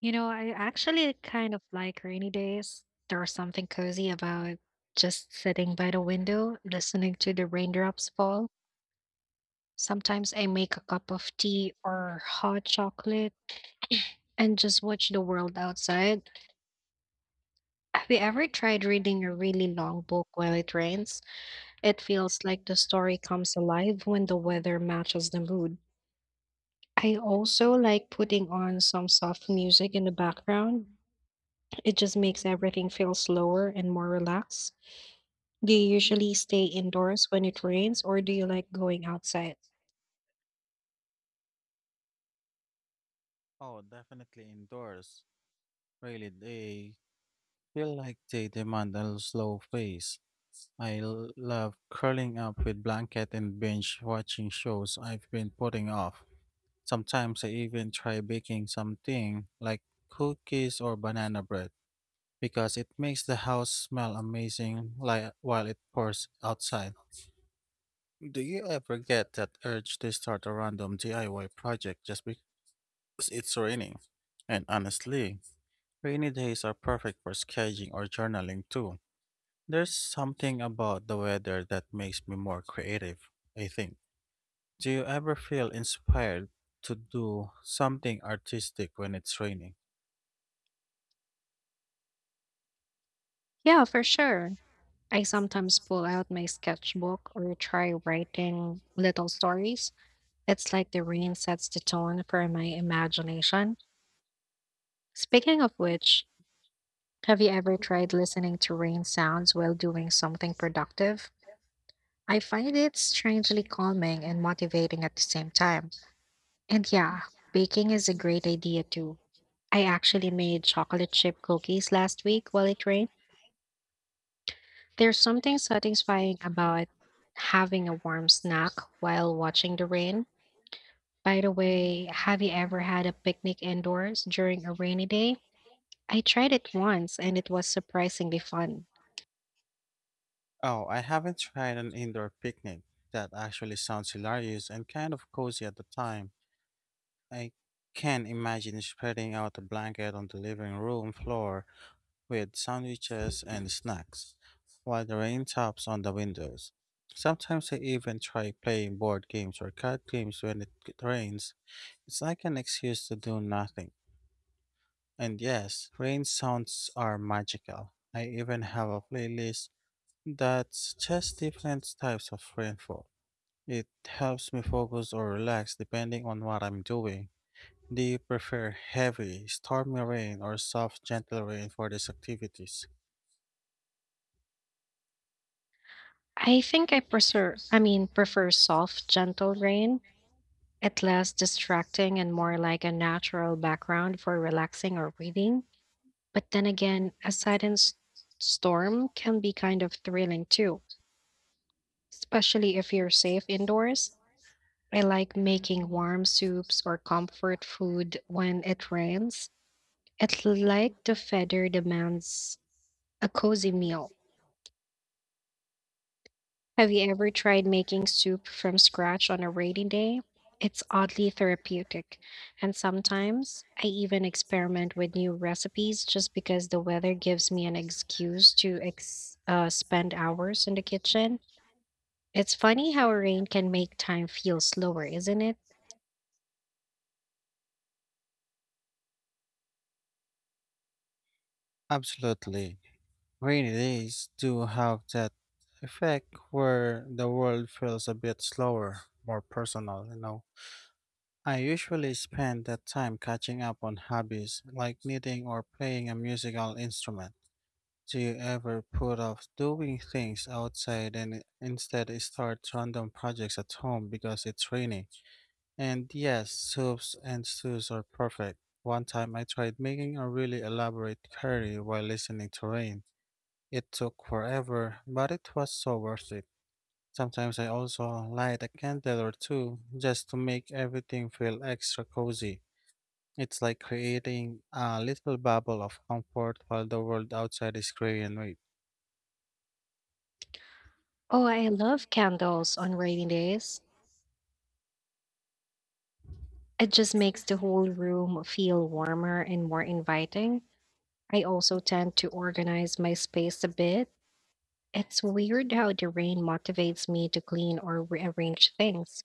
You know, I actually kind of like rainy days. There's something cozy about just sitting by the window, listening to the raindrops fall. Sometimes I make a cup of tea or hot chocolate and just watch the world outside. Have you ever tried reading a really long book while it rains? It feels like the story comes alive when the weather matches the mood. I also like putting on some soft music in the background. It just makes everything feel slower and more relaxed. Do you usually stay indoors when it rains, or do you like going outside? Oh, definitely indoors. Really, they feel like they demand a slow pace. I love curling up with blanket and binge watching shows I've been putting off. Sometimes I even try baking something like cookies or banana bread because it makes the house smell amazing like while it pours outside. Do you ever get that urge to start a random DIY project just because it's raining? And honestly, rainy days are perfect for sketching or journaling too. There's something about the weather that makes me more creative, I think. Do you ever feel inspired to do something artistic when it's raining? Yeah, for sure. I sometimes pull out my sketchbook or try writing little stories. It's like the rain sets the tone for my imagination. Speaking of which, have you ever tried listening to rain sounds while doing something productive? I find it strangely calming and motivating at the same time. And yeah, baking is a great idea too. I actually made chocolate chip cookies last week while it rained. There's something satisfying about having a warm snack while watching the rain. By the way, have you ever had a picnic indoors during a rainy day? I tried it once and it was surprisingly fun. Oh, I haven't tried an indoor picnic. That actually sounds hilarious and kind of cozy at the time. I can imagine spreading out a blanket on the living room floor with sandwiches and snacks, while the rain taps on the windows. Sometimes I even try playing board games or card games when it rains. It's like an excuse to do nothing. And yes, rain sounds are magical. I even have a playlist that's just different types of rainfall. It helps me focus or relax depending on what I'm doing. Do you prefer heavy, stormy rain or soft, gentle rain for these activities? I think I prefer I mean prefer soft, gentle rain. It less distracting and more like a natural background for relaxing or reading. But then again, a silent storm can be kind of thrilling too, especially if you're safe indoors. I like making warm soups or comfort food when it rains. It's like the feather demands a cozy meal. Have you ever tried making soup from scratch on a rainy day? It's oddly therapeutic, and sometimes I even experiment with new recipes just because the weather gives me an excuse to spend hours in the kitchen. It's funny how rain can make time feel slower, isn't it? Absolutely. Rainy days do have that effect where the world feels a bit slower, more personal, you know. I usually spend that time catching up on hobbies like knitting or playing a musical instrument. Do you ever put off doing things outside and instead start random projects at home because it's rainy? And yes, soups and stews are perfect. One time I tried making a really elaborate curry while listening to rain. It took forever, but it was so worth it. Sometimes I also light a candle or two just to make everything feel extra cozy. It's like creating a little bubble of comfort while the world outside is gray and wet. Oh, I love candles on rainy days. It just makes the whole room feel warmer and more inviting. I also tend to organize my space a bit. It's weird how the rain motivates me to clean or rearrange things.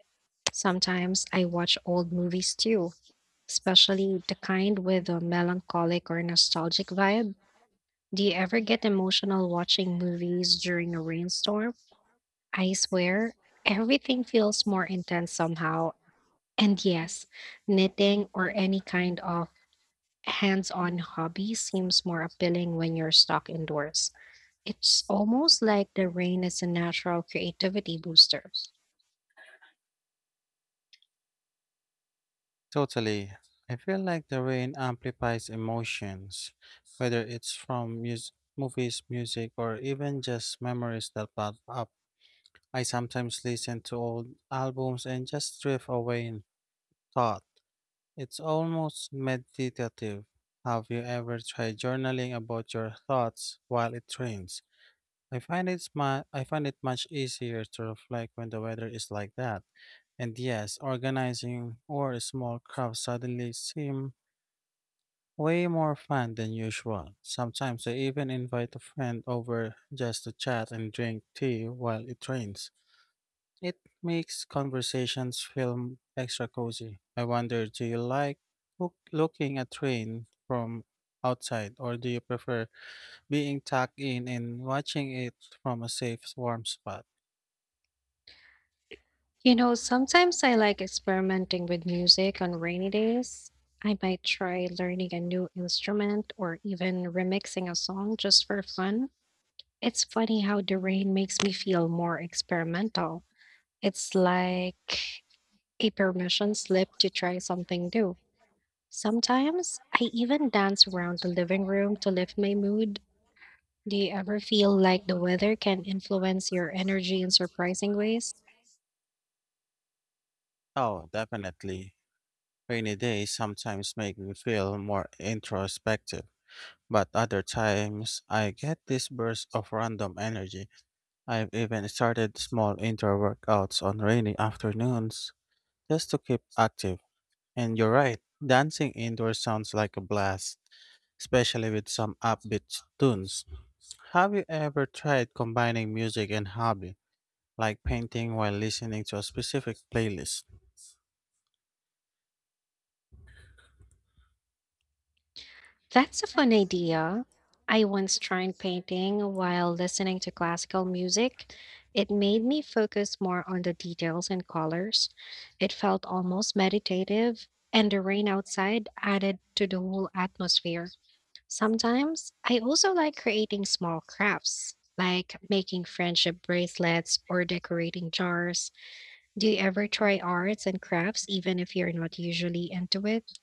Sometimes I watch old movies too, especially the kind with a melancholic or nostalgic vibe. Do you ever get emotional watching movies during a rainstorm? I swear, everything feels more intense somehow. And yes, knitting or any kind of hands on hobby seems more appealing when you're stuck indoors. It's almost like the rain is a natural creativity booster. Totally. I feel like the rain amplifies emotions, whether it's from movies, music, or even just memories that pop up. I sometimes listen to old albums and just drift away in thought. It's almost meditative. Have you ever tried journaling about your thoughts while it rains? I find it much easier to reflect when the weather is like that. And yes, organizing or small craft suddenly seem way more fun than usual. Sometimes I even invite a friend over just to chat and drink tea while it rains. It makes conversations feel extra cozy. I wonder, do you like looking at rain from outside, or do you prefer being tucked in and watching it from a safe, warm spot? You know, sometimes I like experimenting with music on rainy days. I might try learning a new instrument or even remixing a song just for fun. It's funny how the rain makes me feel more experimental. It's like a permission slip to try something new. Sometimes I even dance around the living room to lift my mood. Do you ever feel like the weather can influence your energy in surprising ways? Oh, definitely. Rainy days sometimes make me feel more introspective, but other times I get this burst of random energy. I've even started small indoor workouts on rainy afternoons just to keep active. And you're right, dancing indoors sounds like a blast, especially with some upbeat tunes. Have you ever tried combining music and hobby, like painting while listening to a specific playlist? That's a fun idea. I once tried painting while listening to classical music. It made me focus more on the details and colors. It felt almost meditative, and the rain outside added to the whole atmosphere. Sometimes I also like creating small crafts, like making friendship bracelets or decorating jars. Do you ever try arts and crafts even if you're not usually into it?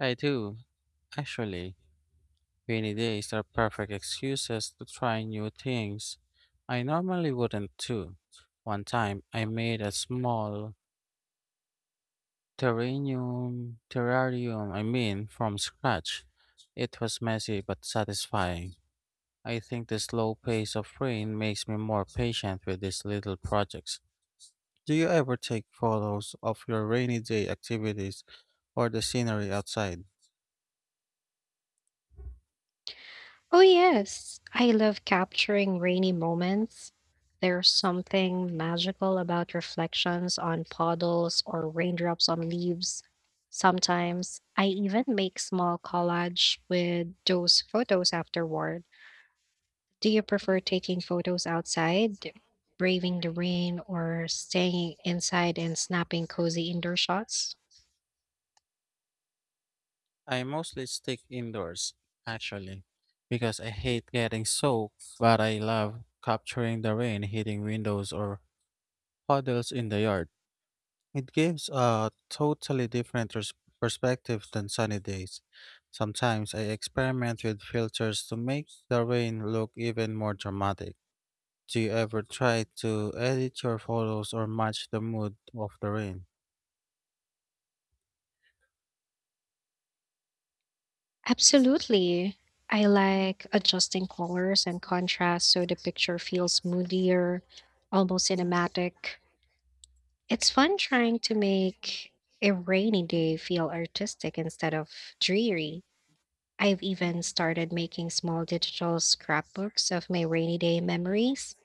I do, actually. Rainy days are perfect excuses to try new things. I normally wouldn't too. One time, I made a small terrarium, I mean, from scratch. It was messy but satisfying. I think the slow pace of rain makes me more patient with these little projects. Do you ever take photos of your rainy day activities or the scenery outside? Oh, yes. I love capturing rainy moments. There's something magical about reflections on puddles or raindrops on leaves. Sometimes I even make small collage with those photos afterward. Do you prefer taking photos outside, braving the rain, or staying inside and snapping cozy indoor shots? I mostly stick indoors, actually, because I hate getting soaked, but I love capturing the rain hitting windows or puddles in the yard. It gives a totally different perspective than sunny days. Sometimes I experiment with filters to make the rain look even more dramatic. Do you ever try to edit your photos or match the mood of the rain? Absolutely. I like adjusting colors and contrast so the picture feels moodier, almost cinematic. It's fun trying to make a rainy day feel artistic instead of dreary. I've even started making small digital scrapbooks of my rainy day memories.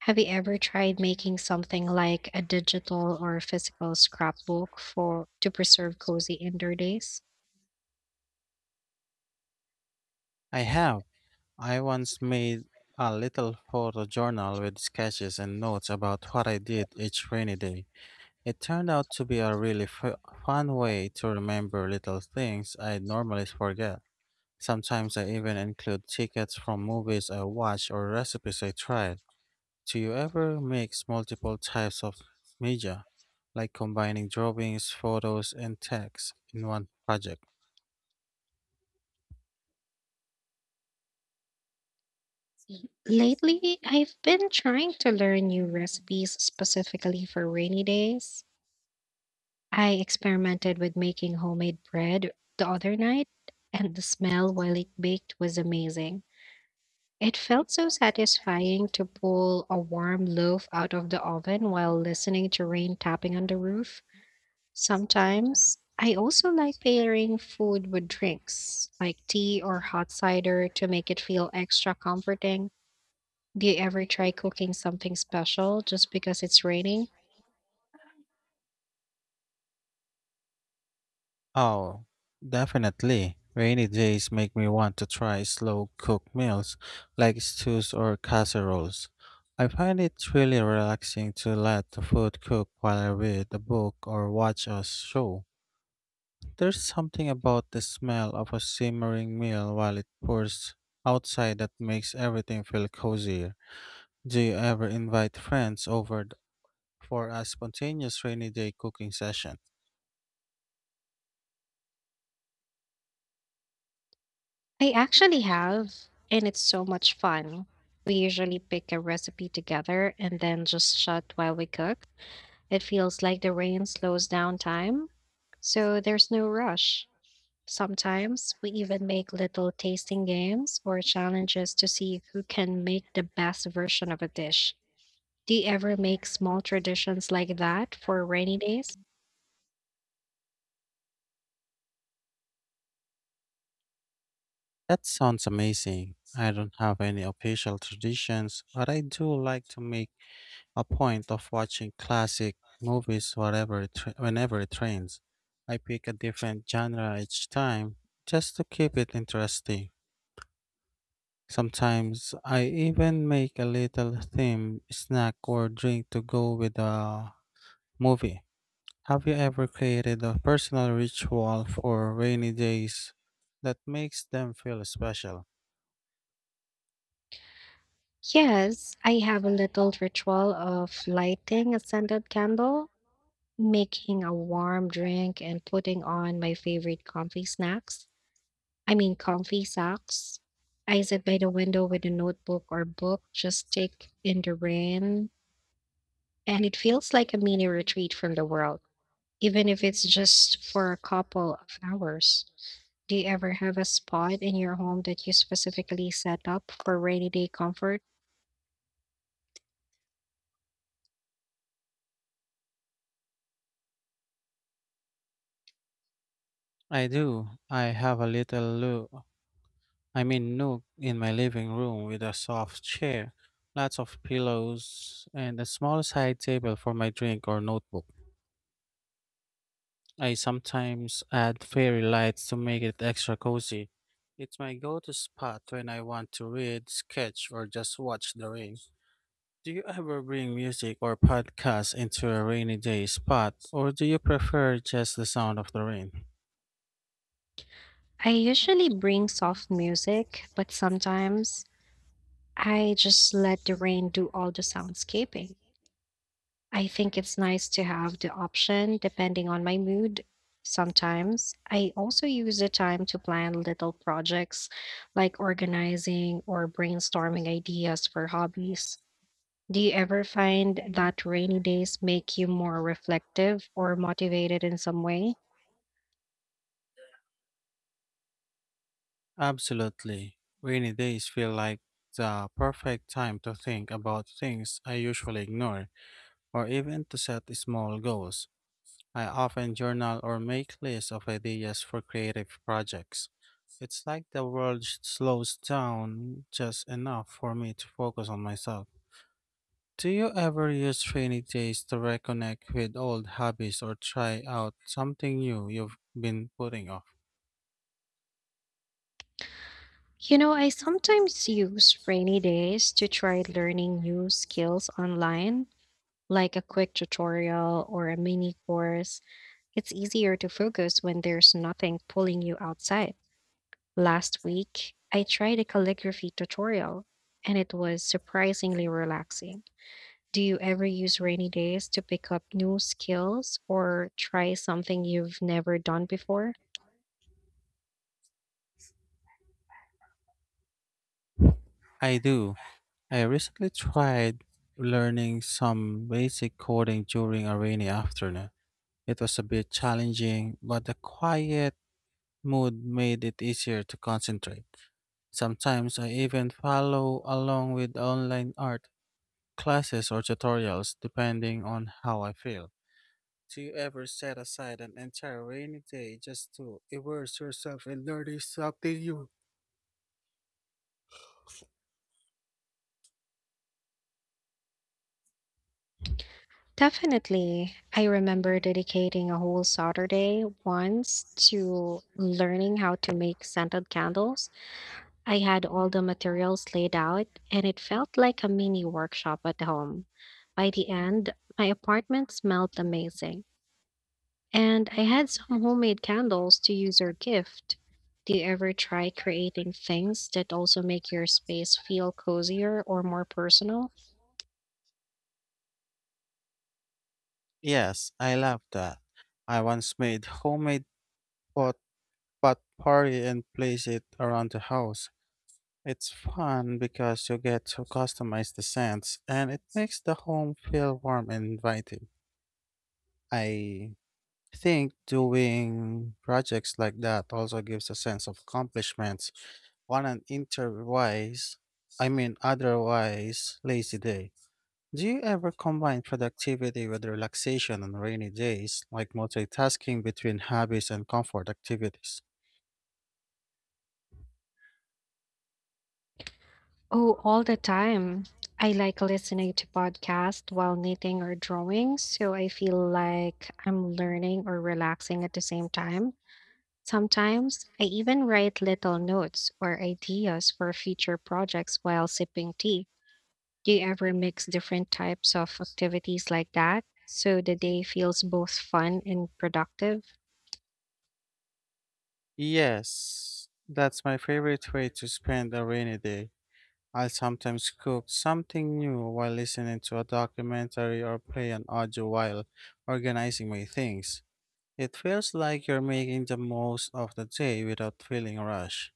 Have you ever tried making something like a digital or physical scrapbook for to preserve cozy indoor days? I have. I once made a little photo journal with sketches and notes about what I did each rainy day. It turned out to be a really fun way to remember little things I normally forget. Sometimes I even include tickets from movies I watch or recipes I tried. Do you ever mix multiple types of media, like combining drawings, photos, and text in one project? Lately, I've been trying to learn new recipes specifically for rainy days. I experimented with making homemade bread the other night, and the smell while it baked was amazing. It felt so satisfying to pull a warm loaf out of the oven while listening to rain tapping on the roof. Sometimes, I also like pairing food with drinks, like tea or hot cider, to make it feel extra comforting. Do you ever try cooking something special just because it's raining? Oh, definitely. Rainy days make me want to try slow cooked meals like stews or casseroles. I find it really relaxing to let the food cook while I read a book or watch a show. There's something about the smell of a simmering meal while it pours outside that makes everything feel cozier. Do you ever invite friends over for a spontaneous rainy day cooking session? I actually have, and it's so much fun. We usually pick a recipe together and then just chat while we cook. It feels like the rain slows down time, so there's no rush. Sometimes we even make little tasting games or challenges to see who can make the best version of a dish. Do you ever make small traditions like that for rainy days? That sounds amazing. I don't have any official traditions, but I do like to make a point of watching classic movies whenever it rains. I pick a different genre each time just to keep it interesting. Sometimes I even make a little theme snack or drink to go with the movie. Have you ever created a personal ritual for rainy days that makes them feel special? Yes, I have a little ritual of lighting a scented candle, making a warm drink, and putting on my favorite comfy snacks. I mean, comfy socks. I sit by the window with a notebook or book, just take in the rain, and it feels like a mini retreat from the world, even if it's just for a couple of hours. Do you ever have a spot in your home that you specifically set up for rainy day comfort? I do. I have a little loo I mean nook in my living room with a soft chair, lots of pillows, and a small side table for my drink or notebook. I sometimes add fairy lights to make it extra cozy. It's my go-to spot when I want to read, sketch, or just watch the rain. Do you ever bring music or podcasts into a rainy day spot, or do you prefer just the sound of the rain? I usually bring soft music, but sometimes I just let the rain do all the soundscaping. I think it's nice to have the option depending on my mood. Sometimes I also use the time to plan little projects like organizing or brainstorming ideas for hobbies. Do you ever find that rainy days make you more reflective or motivated in some way? Absolutely. Rainy days feel like the perfect time to think about things I usually ignore, or even to set small goals. I often journal or make lists of ideas for creative projects. It's like the world slows down just enough for me to focus on myself. Do you ever use rainy days to reconnect with old hobbies or try out something new you've been putting off? You know, I sometimes use rainy days to try learning new skills online, like a quick tutorial or a mini course. It's easier to focus when there's nothing pulling you outside. Last week, I tried a calligraphy tutorial and it was surprisingly relaxing. Do you ever use rainy days to pick up new skills or try something you've never done before? I do. I recently tried learning some basic coding during a rainy afternoon. It was a bit challenging, but the quiet mood made it easier to concentrate. Sometimes I even follow along with online art classes or tutorials depending on how I feel. Do you ever set aside an entire rainy day just to immerse yourself in learning something new? Definitely. I remember dedicating a whole Saturday once to learning how to make scented candles. I had all the materials laid out, and it felt like a mini workshop at home. By the end, my apartment smelled amazing, and I had some homemade candles to use or gift. Do you ever try creating things that also make your space feel cozier or more personal? Yes, I love that. I once made homemade pot pot party and placed it around the house. It's fun because you get to customize the scents and it makes the home feel warm and inviting. I I think doing projects like that also gives a sense of accomplishments on an interwise, I mean, otherwise lazy day. Do you ever combine productivity with relaxation on rainy days, like multitasking between hobbies and comfort activities? Oh, all the time. I like listening to podcasts while knitting or drawing, so I feel like I'm learning or relaxing at the same time. Sometimes I even write little notes or ideas for future projects while sipping tea. Do you ever mix different types of activities like that so the day feels both fun and productive? Yes, that's my favorite way to spend a rainy day. I'll sometimes cook something new while listening to a documentary or play an audio while organizing my things. It feels like you're making the most of the day without feeling rushed.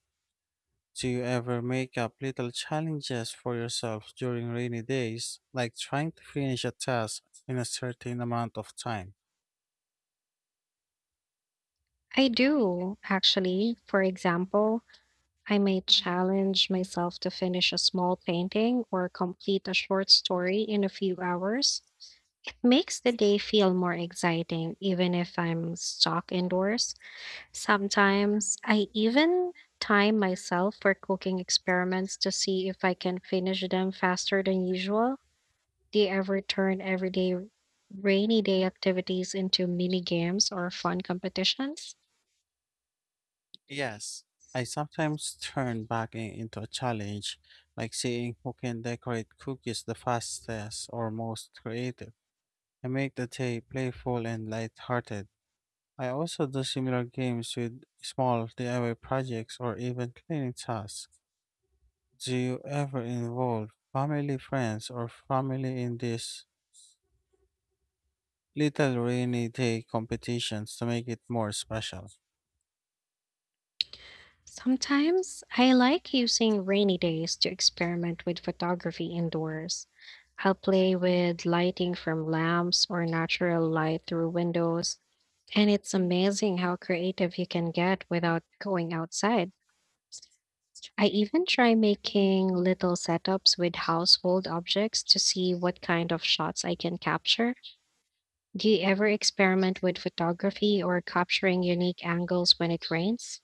Do you ever make up little challenges for yourself during rainy days, like trying to finish a task in a certain amount of time? I do, actually. For example, I may challenge myself to finish a small painting or complete a short story in a few hours. It makes the day feel more exciting, even if I'm stuck indoors. Sometimes I even time myself for cooking experiments to see if I can finish them faster than usual. Do you ever turn everyday rainy day activities into mini games or fun competitions? Yes. I sometimes turn baking into a challenge, like seeing who can decorate cookies the fastest or most creative. I make the day playful and lighthearted. I also do similar games with small DIY projects or even cleaning tasks. Do you ever involve family, friends, or family in these little rainy day competitions to make it more special? Sometimes I like using rainy days to experiment with photography indoors. I'll play with lighting from lamps or natural light through windows, and it's amazing how creative you can get without going outside. I even try making little setups with household objects to see what kind of shots I can capture. Do you ever experiment with photography or capturing unique angles when it rains?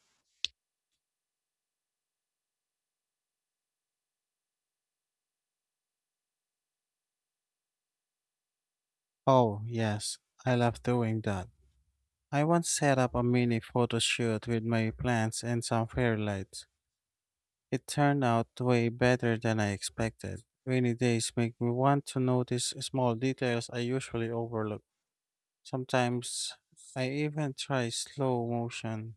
Oh, yes, I love doing that. I once set up a mini photo shoot with my plants and some fairy lights. It turned out way better than I expected. Rainy days make me want to notice small details I usually overlook. Sometimes I even try slow motion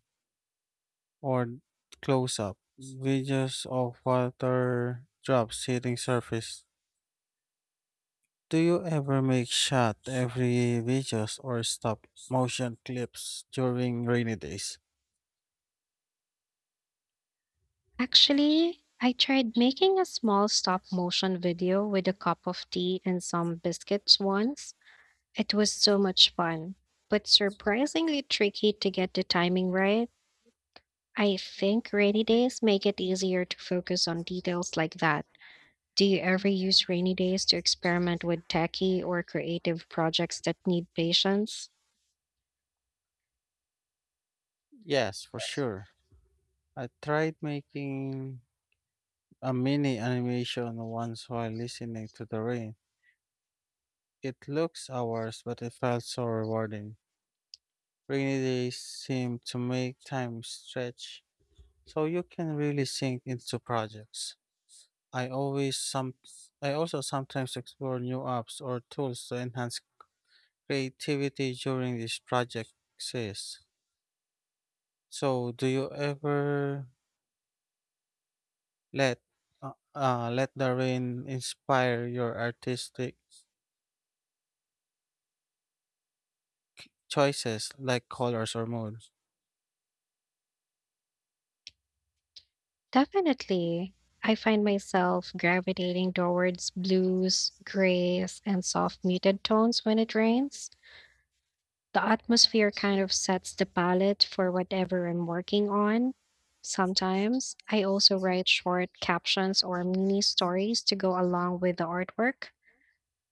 or close up videos of water drops hitting surface. Do you ever make shot every videos or stop motion clips during rainy days? Actually, I tried making a small stop motion video with a cup of tea and some biscuits once. It was so much fun, but surprisingly tricky to get the timing right. I think rainy days make it easier to focus on details like that. Do you ever use rainy days to experiment with techie or creative projects that need patience? Yes, for sure. I tried making a mini animation once while listening to the rain. It looks hours, but it felt so rewarding. Rainy days seem to make time stretch, so you can really sink into projects. I always some I also sometimes explore new apps or tools to enhance creativity during these projects. So, do you ever let let the rain inspire your artistic choices like colors or moods? Definitely. I find myself gravitating towards blues, grays, and soft muted tones when it rains. The atmosphere kind of sets the palette for whatever I'm working on. Sometimes I also write short captions or mini stories to go along with the artwork.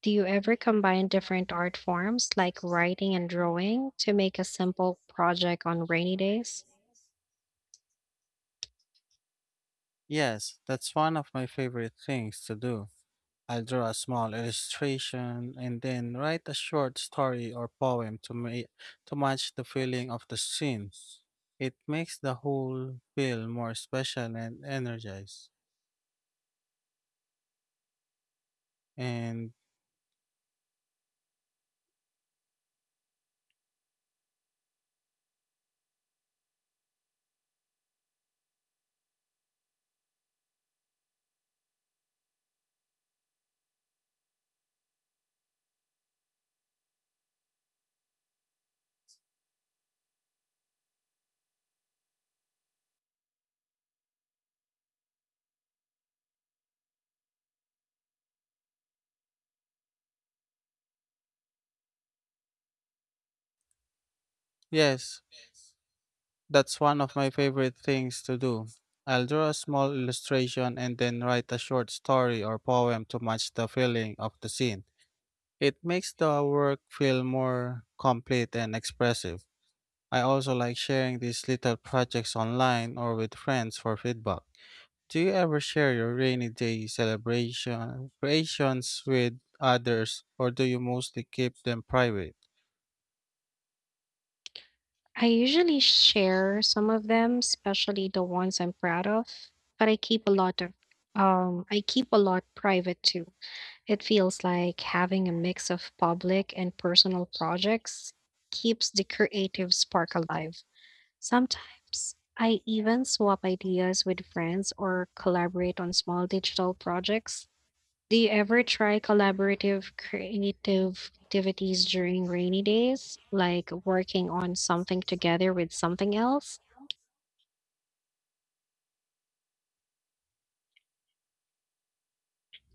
Do you ever combine different art forms like writing and drawing to make a simple project on rainy days? Yes, that's one of my favorite things to do. I'll draw a small illustration and then write a short story or poem to match the feeling of the scene. It makes the whole feel more special and energized. And yes, that's one of my favorite things to do. I'll draw a small illustration and then write a short story or poem to match the feeling of the scene. It makes the work feel more complete and expressive. I also like sharing these little projects online or with friends for feedback. Do you ever share your rainy day celebration creations with others or do you mostly keep them private? I usually share some of them, especially the ones I'm proud of, but I keep a lot of I keep a lot private too. It feels like having a mix of public and personal projects keeps the creative spark alive. Sometimes I even swap ideas with friends or collaborate on small digital projects. Do you ever try collaborative creative activities during rainy days, like working on something together with something else?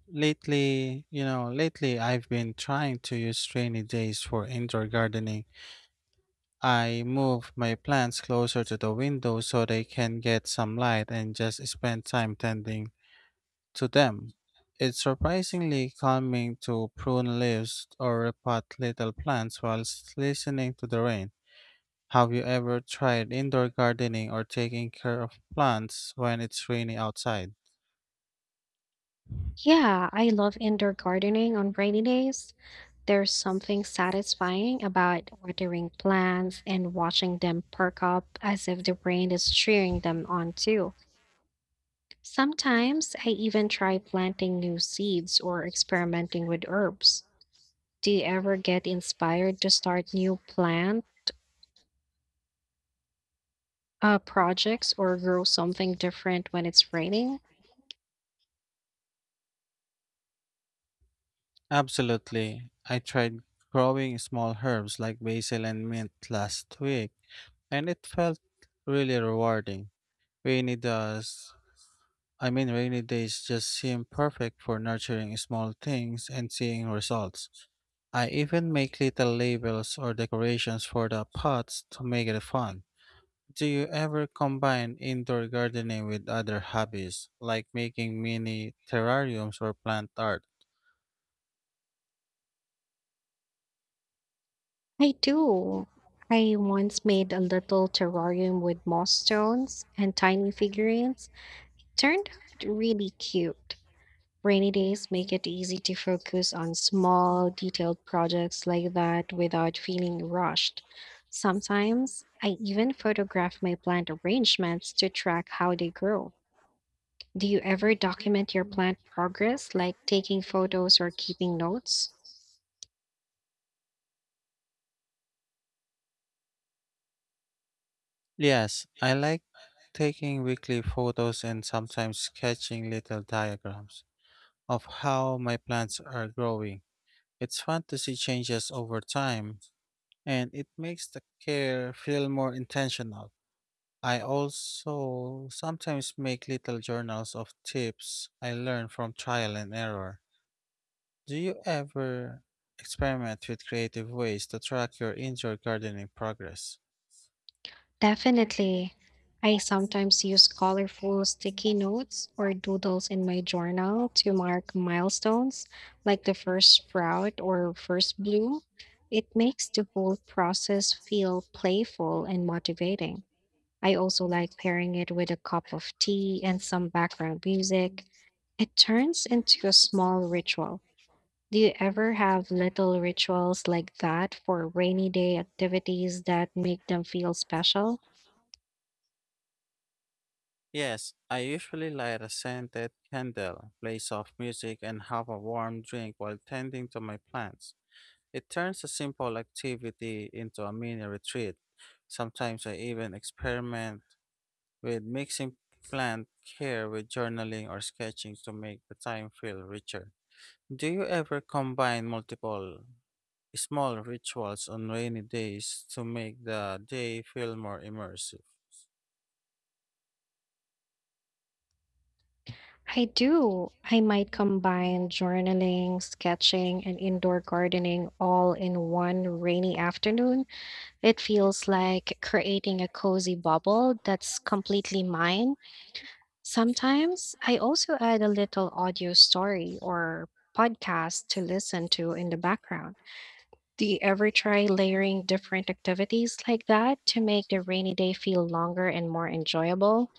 Lately I've been trying to use rainy days for indoor gardening. I move my plants closer to the window so they can get some light and just spend time tending to them, it's surprisingly calming to prune leaves or repot little plants whilst listening to the rain. Have you ever tried indoor gardening or taking care of plants when it's rainy outside? Yeah, I love indoor gardening on rainy days. There's something satisfying about watering plants and watching them perk up as if the rain is cheering them on too. Sometimes I even try planting new seeds or experimenting with herbs. Do you ever get inspired to start new plants? Projects or grow something different when it's raining? Absolutely. I tried growing small herbs like basil and mint last week, and it felt really rewarding. Rainy does I mean, rainy days just seem perfect for nurturing small things and seeing results. I even make little labels or decorations for the pots to make it fun. Do you ever combine indoor gardening with other hobbies, like making mini terrariums or plant art? I do. I once made a little terrarium with moss stones and tiny figurines. Turned out really cute. Rainy days make it easy to focus on small, detailed projects like that without feeling rushed. Sometimes I even photograph my plant arrangements to track how they grow. Do you ever document your plant progress, like taking photos or keeping notes? Yes, I like taking weekly photos and sometimes sketching little diagrams of how my plants are growing. It's fun to see changes over time, and it makes the care feel more intentional. I also sometimes make little journals of tips I learn from trial and error. Do you ever experiment with creative ways to track your indoor gardening progress? Definitely. I sometimes use colorful sticky notes or doodles in my journal to mark milestones, like the first sprout or first bloom. It makes the whole process feel playful and motivating. I also like pairing it with a cup of tea and some background music. It turns into a small ritual. Do you ever have little rituals like that for rainy day activities that make them feel special? Yes, I usually light a scented candle, play soft music, and have a warm drink while tending to my plants. It turns a simple activity into a mini retreat. Sometimes I even experiment with mixing plant care with journaling or sketching to make the time feel richer. Do you ever combine multiple small rituals on rainy days to make the day feel more immersive? I do. I might combine journaling, sketching, and indoor gardening all in one rainy afternoon. It feels like creating a cozy bubble that's completely mine. Sometimes I also add a little audio story or podcast to listen to in the background. Do you ever try layering different activities like that to make the rainy day feel longer and more enjoyable?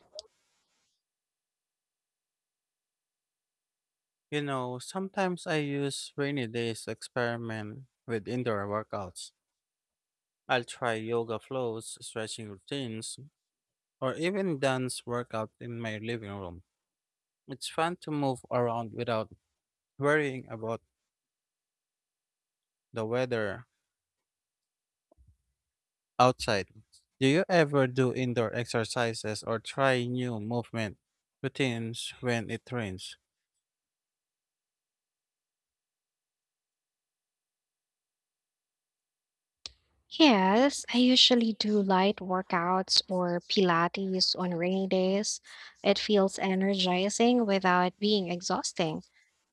You know, sometimes I use rainy days to experiment with indoor workouts. I'll try yoga flows, stretching routines, or even dance workout in my living room. It's fun to move around without worrying about the weather outside. Do you ever do indoor exercises or try new movement routines when it rains? Yes, I usually do light workouts or Pilates on rainy days. It feels energizing without being exhausting.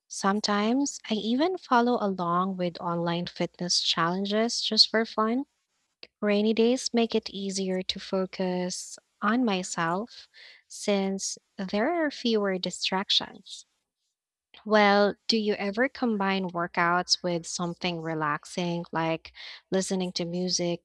Sometimes I even follow along with online fitness challenges just for fun. Rainy days make it easier to focus on myself since there are fewer distractions. Well, do you ever combine workouts with something relaxing like listening to music